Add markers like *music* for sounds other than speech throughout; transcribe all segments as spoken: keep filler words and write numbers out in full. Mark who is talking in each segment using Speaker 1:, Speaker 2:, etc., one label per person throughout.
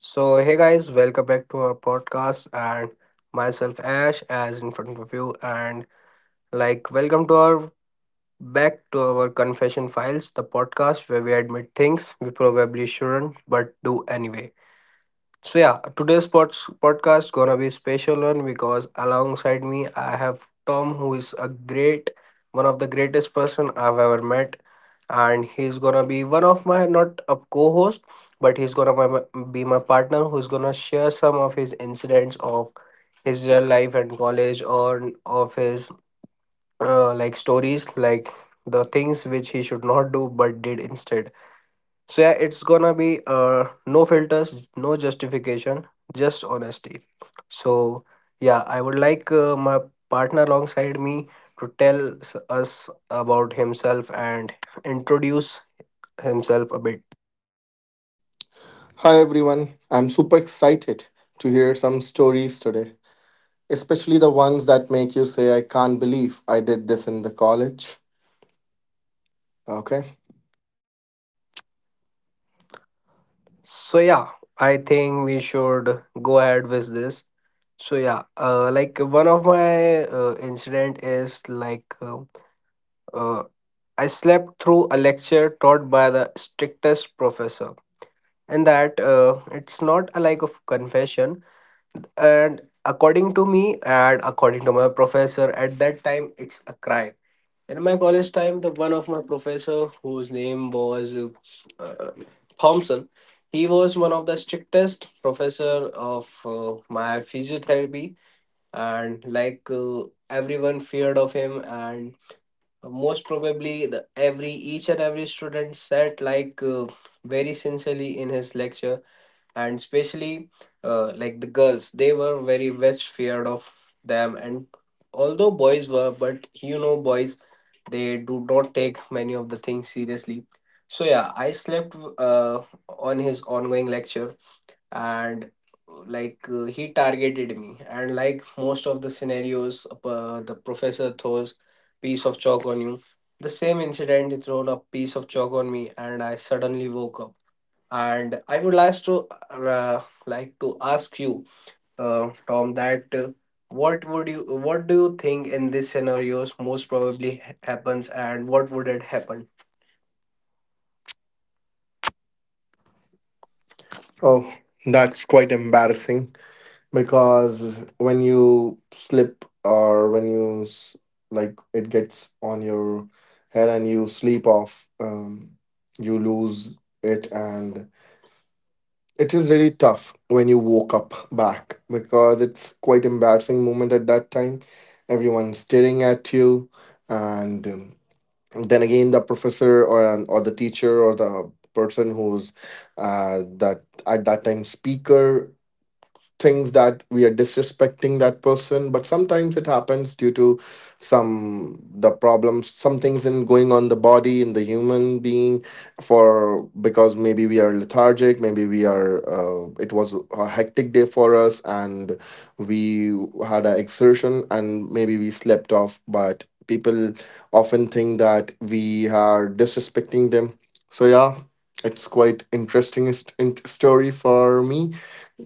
Speaker 1: So, hey guys, welcome back to our podcast. And myself, Ash, as in front of you. And like, welcome to our Back to our Confession Files, the podcast where we admit things we probably shouldn't but do anyway. So yeah, today's pod- podcast gonna be a special one because alongside me I have Tom, who is a great, one of the greatest person I've ever met, and he's gonna be one of my not a co-host, but he's gonna be my Be my partner who's gonna share some of his incidents of his real life and college or of his uh, like stories like the things which he should not do but did instead. So yeah, it's gonna be uh no filters, no justification, just honesty. So yeah, I would like uh, my partner alongside me to tell s- us about himself and introduce himself a bit.
Speaker 2: Hi everyone, I'm super excited to hear some stories today, especially the ones that make you say, I can't believe I did this in the college. Okay.
Speaker 1: So yeah, I think we should go ahead with this. So yeah, uh, like one of my uh, incident is like uh, uh, I slept through a lecture taught by the strictest professor, and that uh, it's not a like of confession, and according to me and according to my professor at that time it's a crime. In my college time, the one of my professor whose name was uh, Thompson, he was one of the strictest professor of uh, my physiotherapy, and like uh, everyone feared of him, and most probably the every each and every student sat like uh, very sincerely in his lecture, and especially uh, like the girls, they were very much feared of them. And although boys were, but you know boys, they do not take many of the things seriously. So yeah, I slept uh, on his ongoing lecture, and like uh, he targeted me, and like most of the scenarios, uh, the professor throws piece of chalk on you. The same incident, he thrown a piece of chalk on me and I suddenly woke up. And I would like to uh, like to ask you, uh, Tom, that uh, what would you what do you think in this scenarios most probably ha- happens, and what would it happen?
Speaker 2: Oh, that's quite embarrassing because when you slip or when you s- like it gets on your head and you sleep off, um, you lose it and it is really tough when you woke up back because it's quite embarrassing moment at that time. Everyone's staring at you, and um, then again the professor or an- or the teacher or the person who's uh, that at that time speaker things that we are disrespecting that person, but sometimes it happens due to some the problems some things in going on the body in the human being for because maybe we are lethargic, maybe we are uh, it was a hectic day for us and we had an exertion and maybe we slept off, but people often think that we are disrespecting them. So yeah, it's quite interesting st- in- story for me.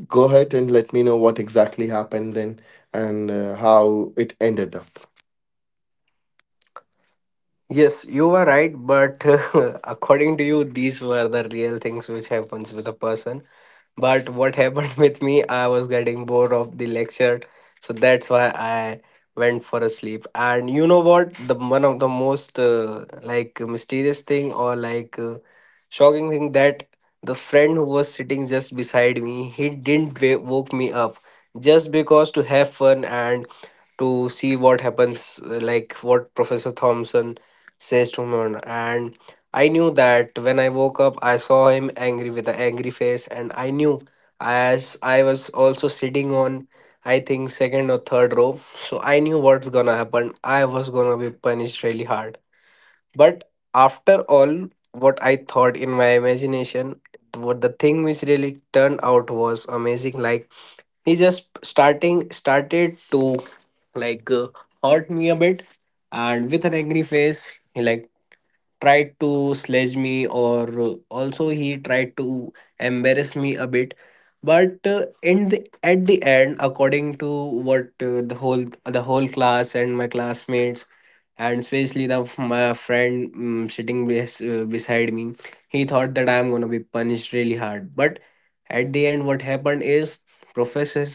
Speaker 2: Go ahead and let me know what exactly happened then and uh, how it ended up.
Speaker 1: Yes, you were right, but *laughs* according to you, these were the real things which happens with a person. But what *laughs* happened with me, I was getting bored of the lecture, so that's why I went for a sleep. And you know what? The one of the most uh, like mysterious thing or like uh, shocking thing that the friend who was sitting just beside me, he didn't wa- woke me up just because to have fun and to see what happens, uh, like what Professor Thompson says to me, and. I knew that when I woke up, I saw him angry with an angry face, and I knew, as I was also sitting on, I think, second or third row. So I knew what's gonna happen. I was gonna be punished really hard. But after all, what I thought in my imagination, what the thing which really turned out was amazing. Like he just starting started to like uh, hurt me a bit, and with an angry face, he like tried to sledge me, or uh, also he tried to embarrass me a bit, but uh, in the at the end according to what uh, the whole the whole class and my classmates, and especially the f- my friend mm sitting bes- uh, beside me, he thought that I'm going to be punished really hard, but at the end what happened is professor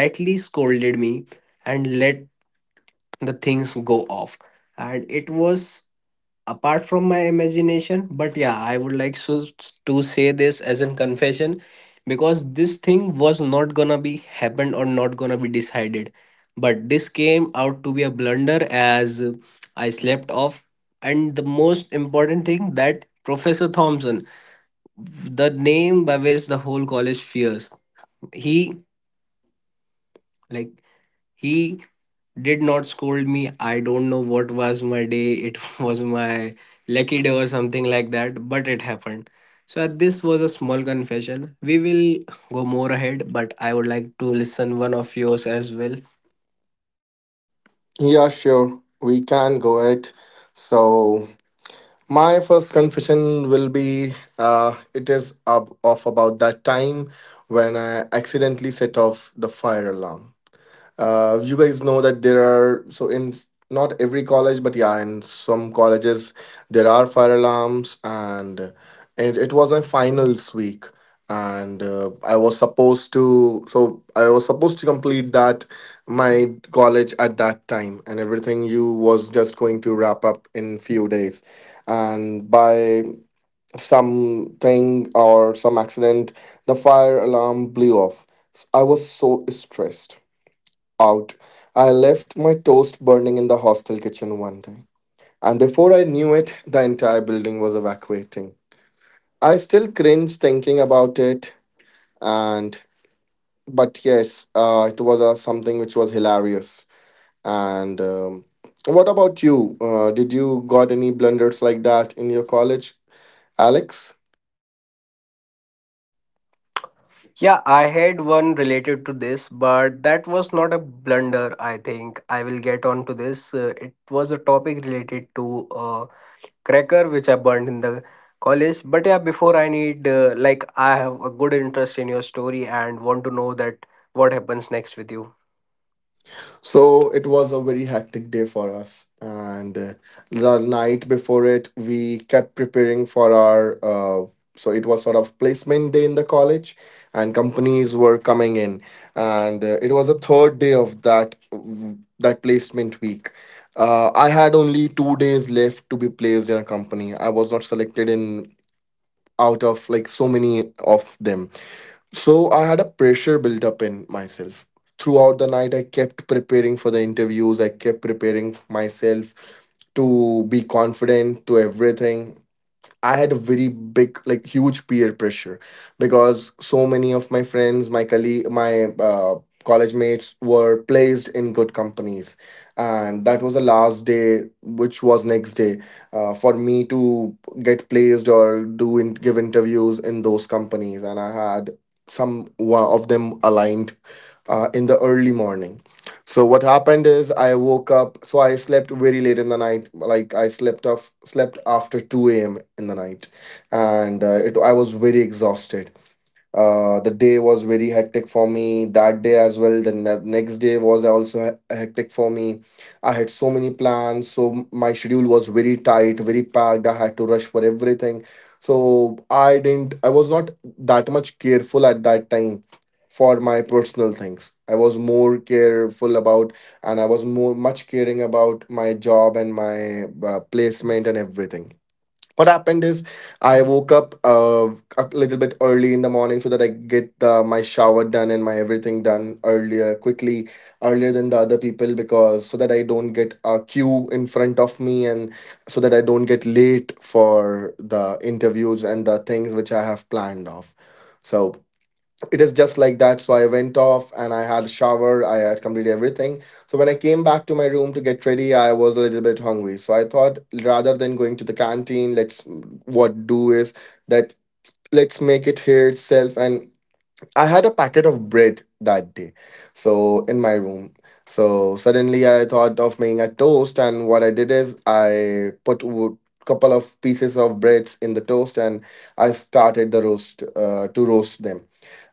Speaker 1: lightly scolded me and let the things go off. And it was apart from my imagination, but yeah, I would like so, to say this as a confession, because this thing was not gonna be happened or not gonna be decided, but this came out to be a blunder as uh, I slept off. And the most important thing that Professor Thompson, the name by which the whole college fears, he like he did not scold me. I don't know what was my day. It *laughs* was my lucky day or something like that, but it happened. So uh, this was a small confession. We will go more ahead, but I would like to listen one of yours as well.
Speaker 3: Yeah, sure. We can go it. So my first confession will be uh it is up of about that time when I accidentally set off the fire alarm. Uh, you guys know that there are so in not every college, but yeah, in some colleges there are fire alarms, and it, it was my finals week, and uh, I was supposed to so I was supposed to complete that my college at that time, and everything you was just going to wrap up in few days, and by something or some accident, the fire alarm blew off. I was so stressed out. I left my toast burning in the hostel kitchen one day, and before I knew it, the entire building was evacuating. I still cringe thinking about it, and but yes, uh, it was uh, something which was hilarious. And um, what about you? Uh, did you got any blunders like that in your college, Alex?
Speaker 1: Yeah, I had one related to this, but that was not a blunder. I think I will get on to this. Uh, it was a topic related to cracker which I burned in the college. But yeah, before I need uh, like I have a good interest in your story and want to know that what happens next with you.
Speaker 3: So it was a very hectic day for us. And uh, the night before it, we kept preparing for our. Uh, so It was sort of placement day in the college, and companies were coming in. And uh, it was the third day of that that placement week. Uh, I had only two days left to be placed in a company. I was not selected in out of like so many of them. So I had a pressure built up in myself. Throughout the night, I kept preparing for the interviews. I kept preparing myself to be confident to everything. I had a very big, like, huge peer pressure because so many of my friends, my colleague, my uh, college mates were placed in good companies, and that was the last day, which was next day, uh, for me to get placed or do in, give interviews in those companies, and I had some one of them aligned uh, in the early morning. So what happened is I woke up. So I slept very late in the night. Like I slept off, slept after two a m in the night, and uh, it I was very exhausted. Uh, the day was very hectic for me that day as well. The ne- next day was also he- hectic for me. I had so many plans, so m- my schedule was very tight, very packed. I had to rush for everything. So I didn't, I was not that much careful at that time for my personal things. I was more careful about and I was more much caring about my job and my uh, placement and everything. What happened is I woke up, uh, a little bit early in the morning so that I get the my shower done and my everything done earlier quickly earlier than the other people because so that I don't get a queue in front of me and so that I don't get late for the interviews and the things which I have planned off. So it is just like that. So I went off and I had a shower. I had completed everything. So when I came back to my room to get ready, I was a little bit hungry. So I thought rather than going to the canteen, let's what do is that let's make it here itself. And I had a packet of bread that day. So in my room. So suddenly I thought of making a toast, and what I did is I put a couple of pieces of breads in the toast, and I started the roast uh, to roast them.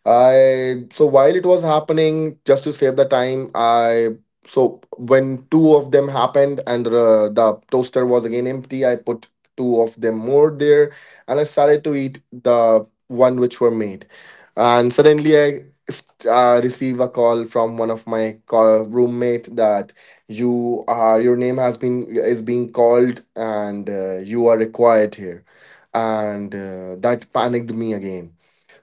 Speaker 3: I so while it was happening, just to save the time, I so when two of them happened and the, the toaster was again empty, I put two of them more there, and I started to eat the one which were made, and suddenly I st- uh, receive a call from one of my call roommate that you are your name has been is being called and uh, you are required here, and uh, that panicked me again.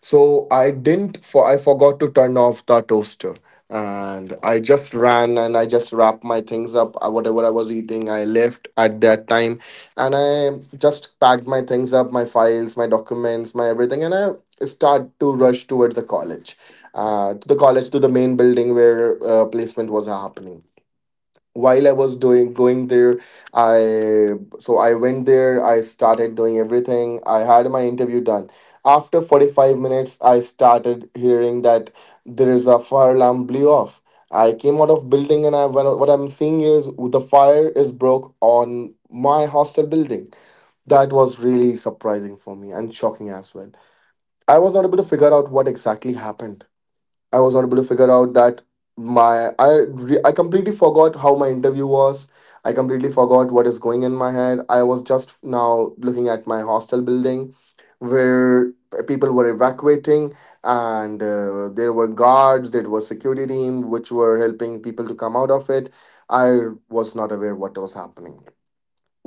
Speaker 3: So I didn't for I forgot to turn off the toaster. And I just ran and I just wrapped my things up, uh, whatever I was eating. I left at that time and I just packed my things up, my files, my documents, my everything. And I start to rush towards the college, uh, to the college, to the main building where uh, placement was happening. While I was doing going there, I so I went there, I started doing everything. I had my interview done. After forty-five minutes, I started hearing that there is a fire alarm blew off. I came out of building and I what what I'm seeing is the fire is broke on my hostel building. That was really surprising for me and shocking as well. I was not able to figure out what exactly happened. I was not able to figure out that my I re- I completely forgot how my interview was. I completely forgot what is going in my head. I was just now looking at my hostel building where people were evacuating and uh, there were guards there was security team which were helping people to come out of it. I was not aware what was happening.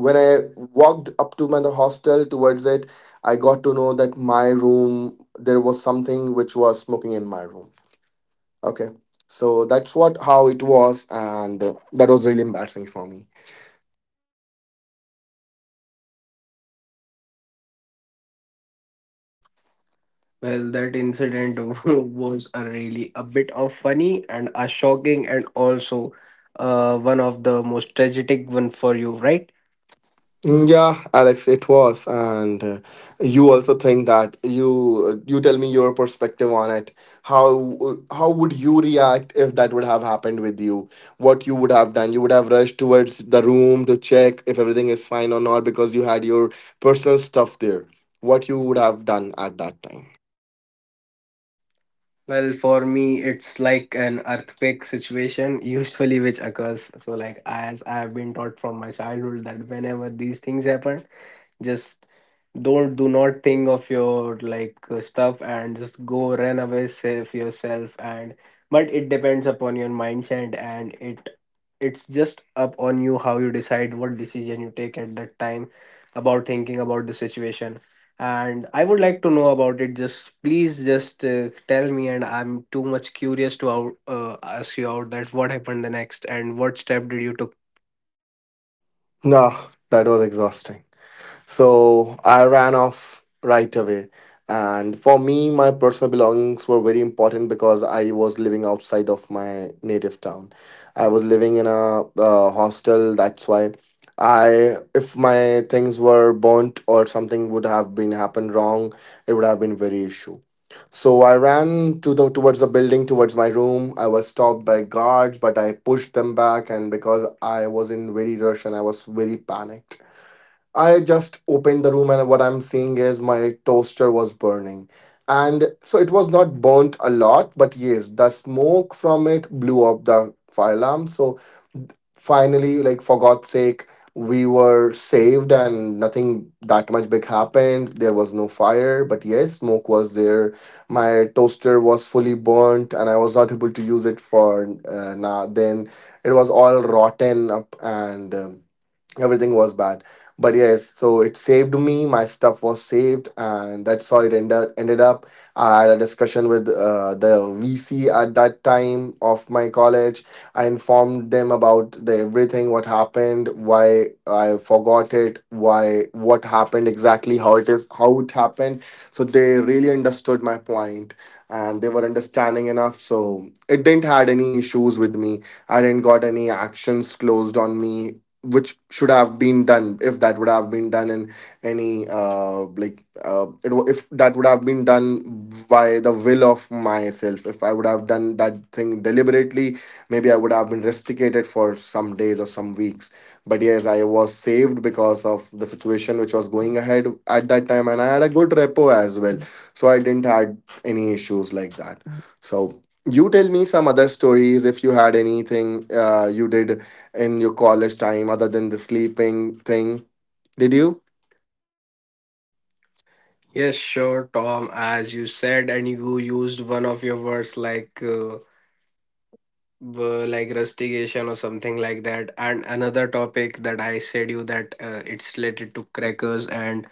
Speaker 3: When I walked up to my the hostel towards it, I got to know that my room there was something which was smoking in my room. Okay. So that's what how it was, and uh, that was really embarrassing for me.
Speaker 1: Manu. Well, that incident *laughs* was a really a bit of funny and a shocking and also uh, one of the most tragic one for you, right?
Speaker 3: Mm, yeah, Alex, it was, and uh, you also think that you you tell me your perspective on it. How how would you react if that would have happened with you? What you would have done? You would have rushed towards the room to check if everything is fine or not because you had your personal stuff there. What you would have done at that time?
Speaker 1: Well, for me, it's like an earthquake situation, *laughs* usually which occurs. So, like as I have been taught from my childhood, that whenever these things happen, just don't do not think of your like uh, stuff and just go run away, save yourself. And but it depends upon your mindset, and it it's just up on you how you decide what decision you take at that time about thinking about the situation. And I would like to know about it, just please just uh, tell me, and I'm too much curious to out, uh, ask you out that what happened the next and what step did you took.
Speaker 3: No, that was exhausting. So I ran off right away. And for me, my personal belongings were very important because I was living outside of my native town. I was living in a uh, hostel. That's why I, if my things were burnt or something would have been happened wrong, it would have been very issue. So I ran to the towards the building, towards my room. I was stopped by guards, but I pushed them back, and because I was in very rush and I was very panicked. I just opened the room and what I'm seeing is my toaster was burning. And so it was not burnt a lot, but yes, the smoke from it blew up the fire alarm. So finally, like for God's sake, we were saved and nothing that much big happened. There was no fire, but yes, smoke was there. My toaster was fully burnt and I was not able to use it for uh, now. Then it was all rotten up and. Um, Everything was bad but yes so it saved me my stuff was saved and that's how it ended ended up. I had a discussion with uh, the VC at that time of my college. I informed them about the everything what happened why I forgot it why what happened exactly how it is how it happened. So they really understood my point and they were understanding enough so it didn't had any issues with me. I didn't got any actions closed on me which should have been done if that would have been done in any uh like uh it, wa- if that would have been done by the will of myself if I would have done that thing deliberately maybe I would have been restricted for some days or some weeks. But yes I was saved because of the situation which was going ahead at that time and I had a good repo as well. So I didn't had any issues like that. So you tell me some other stories if you had anything uh, you did in your college time other than the sleeping thing? Did you?
Speaker 1: Yes, sure, Tom. As you said, and you used one of your words like uh, w- like rustication or something like that. And another topic that I said you that uh, it's related to crackers and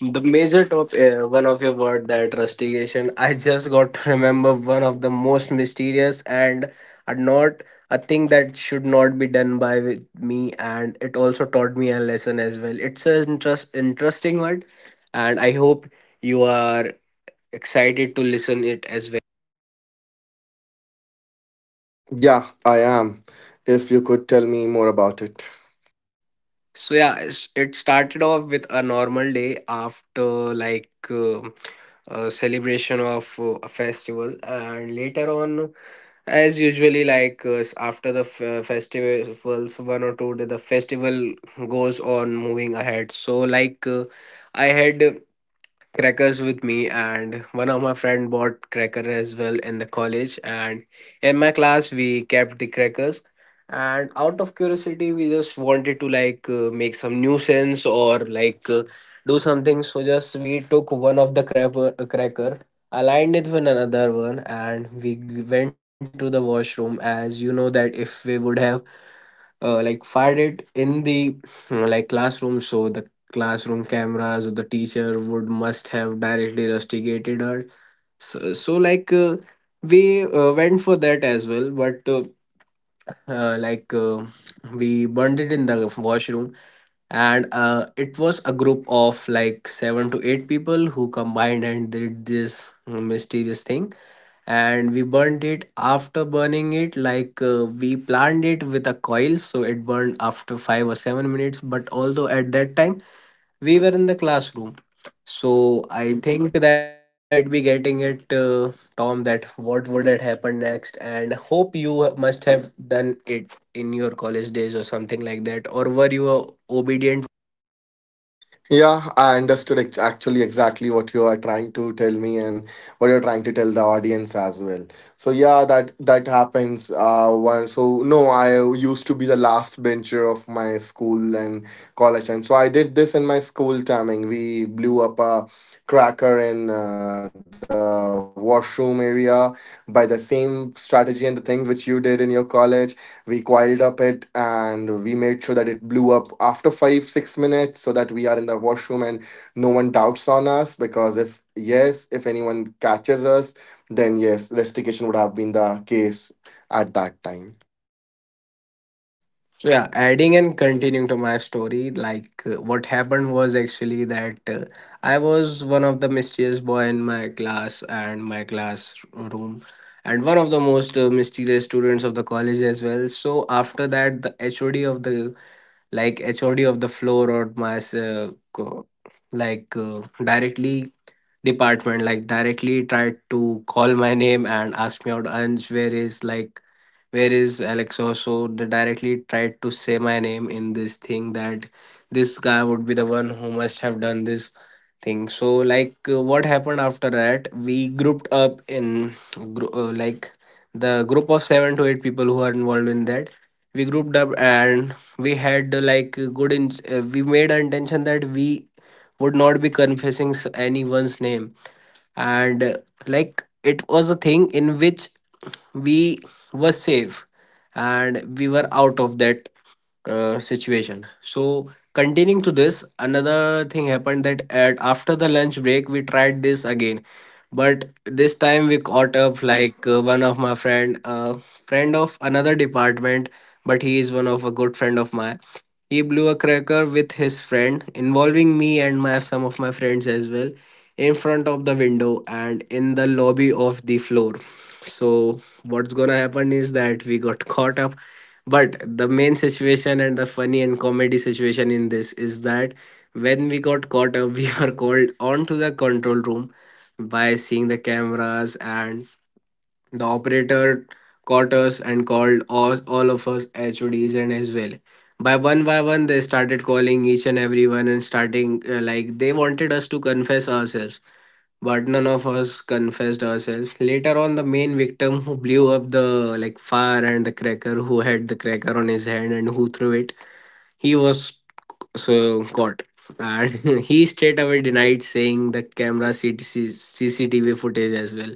Speaker 1: the major top uh, one of your word that rustication. I just got to remember one of the most mysterious and are not a thing that should not be done by with me. And it also taught me a lesson as well. It's an interest interesting word, and I hope you are excited to listen it as well.
Speaker 3: Yeah, I am. If you could tell me more about it.
Speaker 1: So yeah, it's- it started off with a normal day after like uh, a celebration of uh, a festival, and later on, as usually, like uh, s- after the f- uh, festivals, one or two, day, the festival goes on moving ahead. So like uh, I had crackers with me, and one of my friend bought cracker as well in the college, and in my class we kept the crackers. And out of curiosity we just wanted to like uh, make some nuisance, or like uh, do something. So just we took one of the cracker, cracker, aligned it with another one, and we g- went to the washroom, as you know that if we would have uh, like fired it in the uh, like classroom, so the classroom cameras or the teacher would must have directly rusticated her. So, so like uh, we uh, went for that as well, but uh, uh, like uh, we burned it in the washroom. And uh, it was a group of like seven to eight people who combined and did this mysterious thing. And we burned it, after burning it like uh, we planned it with a coil so it burned after five or seven minutes, but although at that time we were in the classroom. So I think that you might be getting it, uh, Tom, that what would have happened next, and hope you must have done it in your college days or something like that, or were you a obedient?
Speaker 3: Yeah, I understood ex- actually exactly what you are trying to tell me and what you're trying to tell the audience as well. So yeah, that that happens. Uh, one so no, I used to be the last bencher of my school and college time. So I did this in my school timing. We blew up a cracker in uh, the washroom area by the same strategy and the things which you did in your college. We coiled up it and we made sure that it blew up after five six minutes so that we are in the washroom and no one doubts on us, because if yes, if anyone catches us, then yes, restitution would have been the case at that time.
Speaker 1: So yeah, adding and continuing to my story, like uh, what happened was actually that uh, I was one of the mischievous boy in my class and my classroom, and one of the most uh, mischievous students of the college as well. So after that, the H O D of the like H O D of the floor, or my uh, co- like uh, directly department, like directly tried to call my name and ask me out, Anj, where is, like where is Alex. Also they directly tried to say my name in this thing, that this guy would be the one who must have done this thing. So like uh, what happened after that, we grouped up in grou- uh, like the group of seven to eight people who are involved in that. We grouped up and we had uh, like good in uh, we made our intention that we would not be confessing s- anyone's name. And uh, like it was a thing in which we were safe and we were out of that uh, situation. So continuing to this, another thing happened, that at after the lunch break we tried this again, but this time we caught up like uh, one of my friend uh, friend of another department, but he is one of a good friend of mine. He blew a cracker with his friend, involving me and my some of my friends as well, in front of the window and in the lobby of the floor. So what's gonna happen is that we got *laughs* caught up. But the main situation, and the funny and comedy situation in this, is that when we got caught up *laughs* we were called onto the control room by seeing the cameras, and the operator caught us and called us, all of us, H O Ds and as well. By one by one they started calling each and everyone, and starting uh, like they wanted us to confess ourselves. But none of us confessed ourselves. Later on, the main victim who blew up the like fire and the cracker, who had the cracker on his hand and who threw it, he was so caught, and *laughs* he straight away denied, saying the camera CT- C C T V footage as well.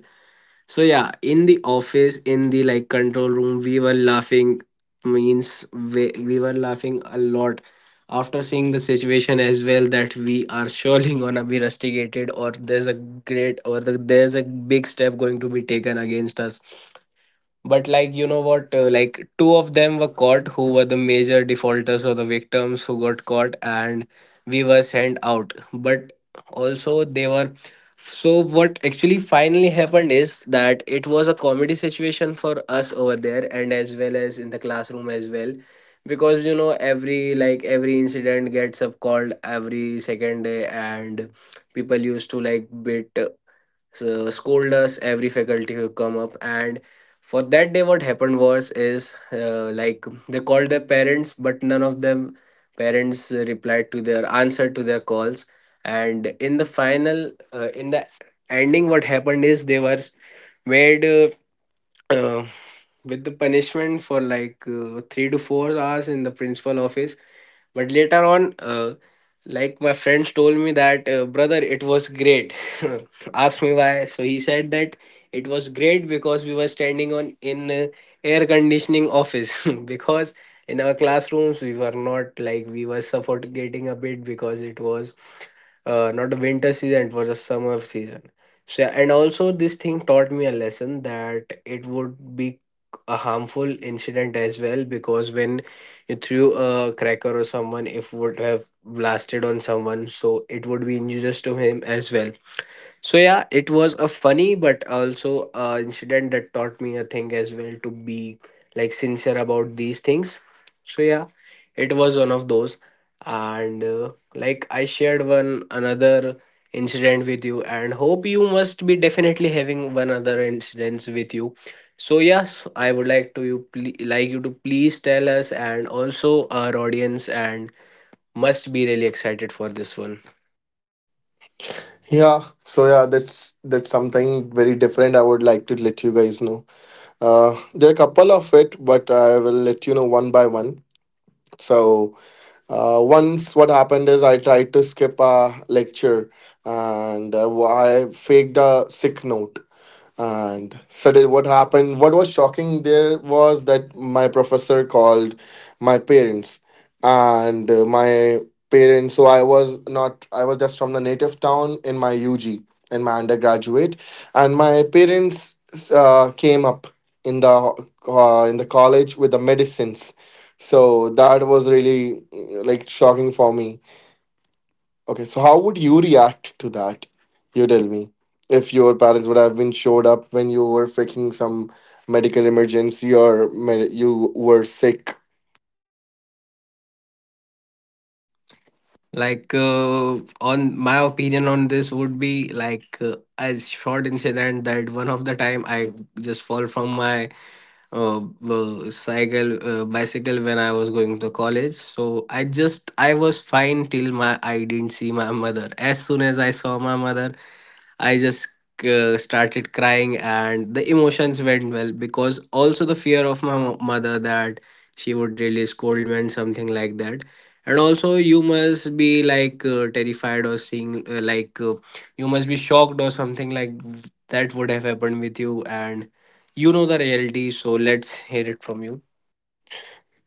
Speaker 1: So yeah, in the office, in the like control room, we were laughing. Means we, we were laughing a lot after seeing the situation as well, that we are surely *laughs* gonna be rusticated, or there's a great, or the, there's a big step going to be taken against us. But like, you know what, uh, like two of them were caught, who were the major defaulters or the victims who got caught, and we were sent out. But also they were. So what actually finally happened is that it was a comedy situation for us over there, and as well as in the classroom as well, because you know, every like every incident gets up called every second day, and people used to like bit so scold us, every faculty who come up. And for that day, what happened was, is uh, like they called their parents, but none of them parents uh, replied to their, answer to their calls. And in the final uh, in the ending, what happened is, they were made uh, uh, with the punishment for like uh, three to four hours in the principal office. But later on uh, like my friends told me that, uh, brother, it was great. *laughs* Asked me why. So he said that it was great because we were standing on, in uh, air conditioning office, *laughs* because in our classrooms we were not, like, we were suffocating a bit, because it was uh, not a winter season, it was a summer season. So yeah, and also this thing taught me a lesson that it would be a harmful incident as well, because when it through a cracker, or someone if would have blasted on someone, so it would be injurious to him as well. So yeah, it was a funny, but also a incident that taught me a thing as well, to be like sincere about these things. So yeah, it was one of those, and uh, like I shared one another incident with you, and hope you must be definitely having one other incidents with you. So yes, I would like to you ple- like you to please tell us and also our audience, and must be really excited for this one.
Speaker 3: Yeah, so yeah, that's that's something very different. I would like to let you guys know, uh there are a couple of it, but I will let you know one by one. So Uh, once what happened is I tried to skip a lecture, and uh, I faked a sick note. And suddenly, what happened? What was shocking there was that my professor called my parents, and uh, my parents. So I was not. I was just from the native town in my U G, in my undergraduate, and my parents uh, came up in the uh, in the college with the medicines. So that was really mm, like shocking for me. Okay, so how would you react to that? You tell me. If your parents would have been showed up when you were faking some medical emergency or med- you were sick.
Speaker 1: Like, uh, on my opinion on this would be like uh, a short incident, that one of the time I just fall from my uh, uh, cycle uh, bicycle when I was going to college. So I just I was fine till my, I didn't see my mother. As soon as I saw my mother, I just uh, started crying, and the emotions went well, because also the fear of my mo- mother, that she would really scold me and something like that. And also, you must be like uh, terrified, or seeing uh, like uh, you must be shocked or something like that would have happened with you, and you know the reality. So let's hear it from you.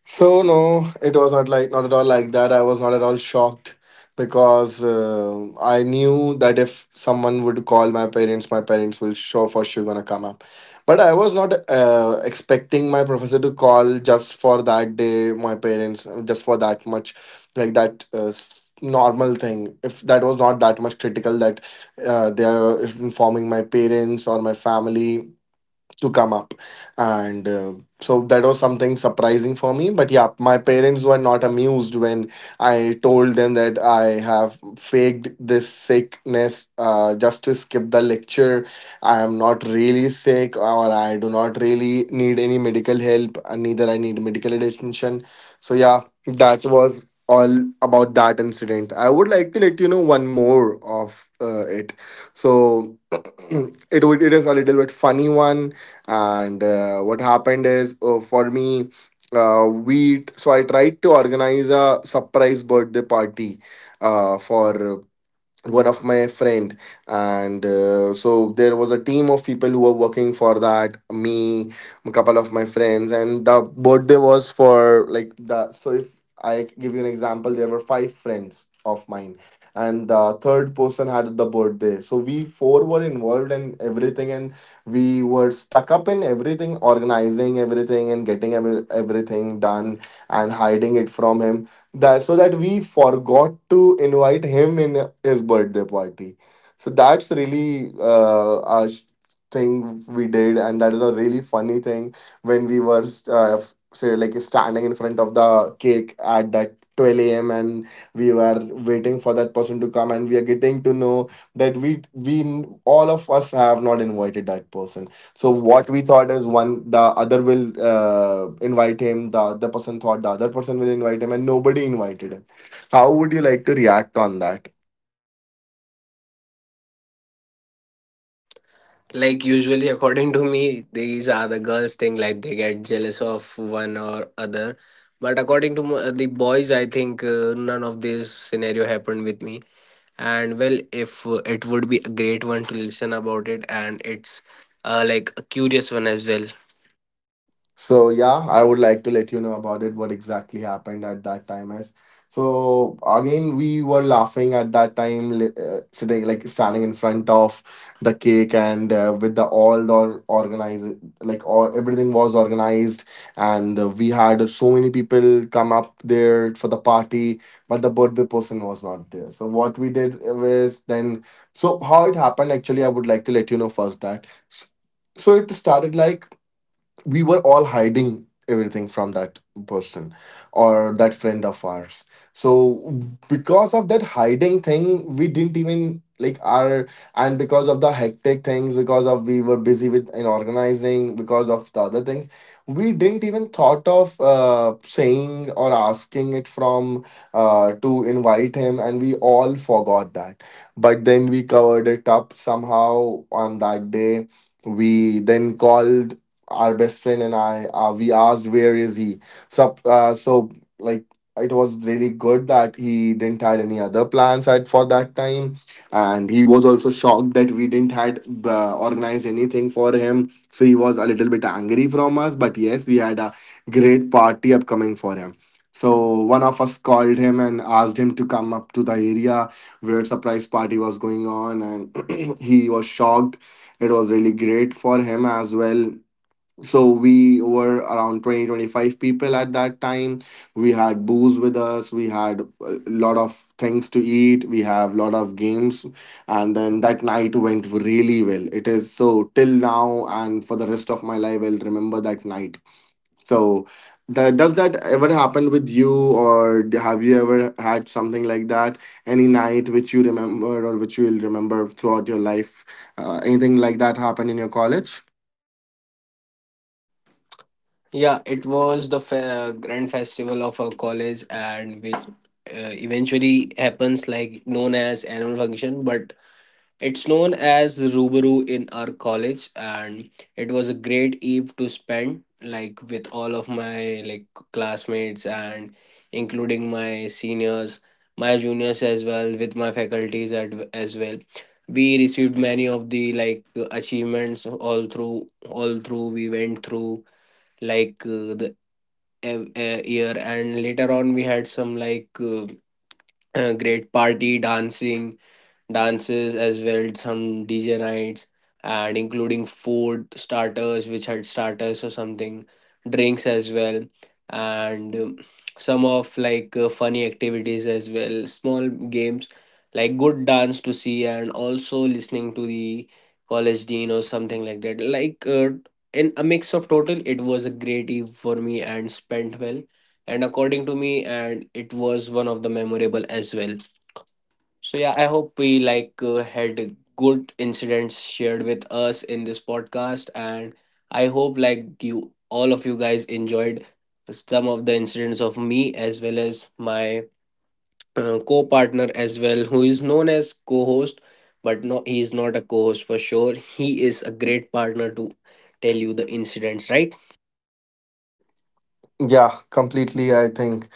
Speaker 3: So no, it was not like not at all like that. I was not at all shocked because uh, I knew that if someone would call my parents, my parents will sure for sure gonna come up. But I was not uh, expecting my professor to call just for that day. My parents uh, just for that much, like that uh, s- normal thing. If that was not that much critical that uh, they are informing my parents or my family to come up and uh, so that was something surprising for me, but yeah, my parents were not amused when I told them that I have faked this sickness, uh, just to skip the lecture. I am not really sick, or I do not really need any medical help, and neither I need medical attention. So yeah, that was all about that incident. I would like to let you know one more of uh, it. So *clears throat* it would it is a little bit funny one, and uh, what happened is, uh, for me uh, we so I tried to organize a surprise birthday party uh, for one of my friend. And uh, so there was a team of people who were working for that, me, a couple of my friends, and the birthday was for, like, the, so if I give you an example, there were five friends of mine, and the third person had the birthday, so we four were involved in everything, and we were stuck up in everything, organizing everything and getting every- everything done and hiding it from him, that so that we forgot to invite him in his birthday party. So that's really uh, a sh- thing we did, and that is a really funny thing. When we were uh, f- say, like, standing in front of the cake at that twelve a.m. and we were waiting for that person to come, and we are getting to know that we we all of us have not invited that person. So what we thought is, one, the other will uh, invite him. The other person thought the other person will invite him, and nobody invited him. How would you like to react on that?
Speaker 1: Like usually, according to me, these are the girls thing. Like, they get jealous of one or other. But according to m- uh, the boys, I think uh, none of this scenario happened with me. And well, if uh, it would be a great one to listen about it, and it's uh, like a curious one as well.
Speaker 3: So yeah, I would like to let you know about it, what exactly happened at that time. As so again, we were laughing at that time, li- uh, sitting, like, standing in front of the cake, and uh, with the all the organized, like, all everything was organized, and uh, we had so many people come up there for the party, but the birthday person was not there. So what we did was then, so how it happened actually, I would like to let you know first that. So it started like we were all hiding everything from that person, or that friend of ours. So because of that hiding thing, we didn't even like our, and because of the hectic things, because of we were busy with in organizing, because of the other things, we didn't even thought of uh, saying or asking it from uh, to invite him, and we all forgot that. But then we covered it up somehow on that day. We then called our best friend, and I, uh, we asked, where is he. So, uh, so like it was really good that he didn't had any other plans at for that time, and he was also shocked that we didn't had uh, organized anything for him. So he was a little bit angry from us, but yes, we had a great party upcoming for him. So one of us called him and asked him to come up to the area where surprise party was going on, and *clears throat* he was shocked. It was really great for him as well. So we were around twenty twenty five people at that time. We had booze with us. We had a lot of things to eat. We have lot of games. And then that night went really well. It is so till now and for the rest of my life, I'll remember that night. So, that, does that ever happen with you, or d- have you ever had something like that? Any night which you remember or which you will remember throughout your life? Uh, anything like that happened in your college?
Speaker 1: Yeah, it was the fe- uh, grand festival of our college, and which uh, eventually happens like known as annual function. But it's known as Rubaru in our college, and it was a great eve to spend like with all of my like classmates and including my seniors, my juniors as well, with my faculties at, as well. We received many of the like achievements all through all through we went through, like uh, the uh, year. And later on, we had some like uh, uh, great party, dancing dances as well, some DJ nights, and including food starters, which had starters or something, drinks as well, and um, some of like uh, funny activities as well, small games, like good dance to see, and also listening to the college dean or something like that, like uh, in a mix of total, it was a great eve for me and spent well, and according to me, and it was one of the memorable as well. So yeah, I hope we like uh, had good incidents shared with us in this podcast, and I hope, like you, all of you guys enjoyed some of the incidents of me as well as my uh, co-partner as well, who is known as co-host. But no, he is not a co-host for sure, he is a great partner to tell you the incidents, right?
Speaker 3: Yeah, completely. I think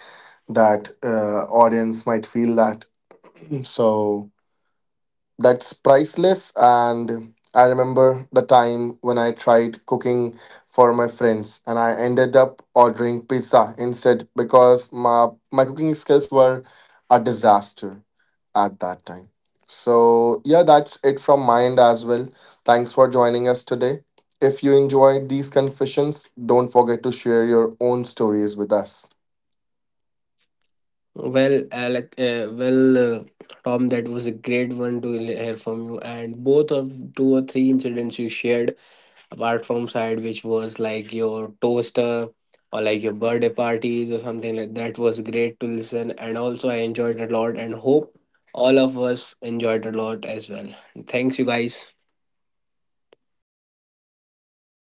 Speaker 3: that uh, audience might feel that. So that's priceless. And I remember the time when I tried cooking for my friends, and I ended up ordering pizza instead because my, my cooking skills were a disaster at that time. So, yeah, that's it from my end as well. Thanks for joining us today. If you enjoyed these confessions, don't forget to share your own stories with us.
Speaker 1: Well, Alec, uh, well, uh, Tom, that was a great one to l- hear from you. And both of, two or three incidents you shared, apart from side, which was like your toaster or like your birthday parties or something like that, was great to listen. And also, I enjoyed a lot, and hope all of us enjoyed a lot as well. Thanks, you guys.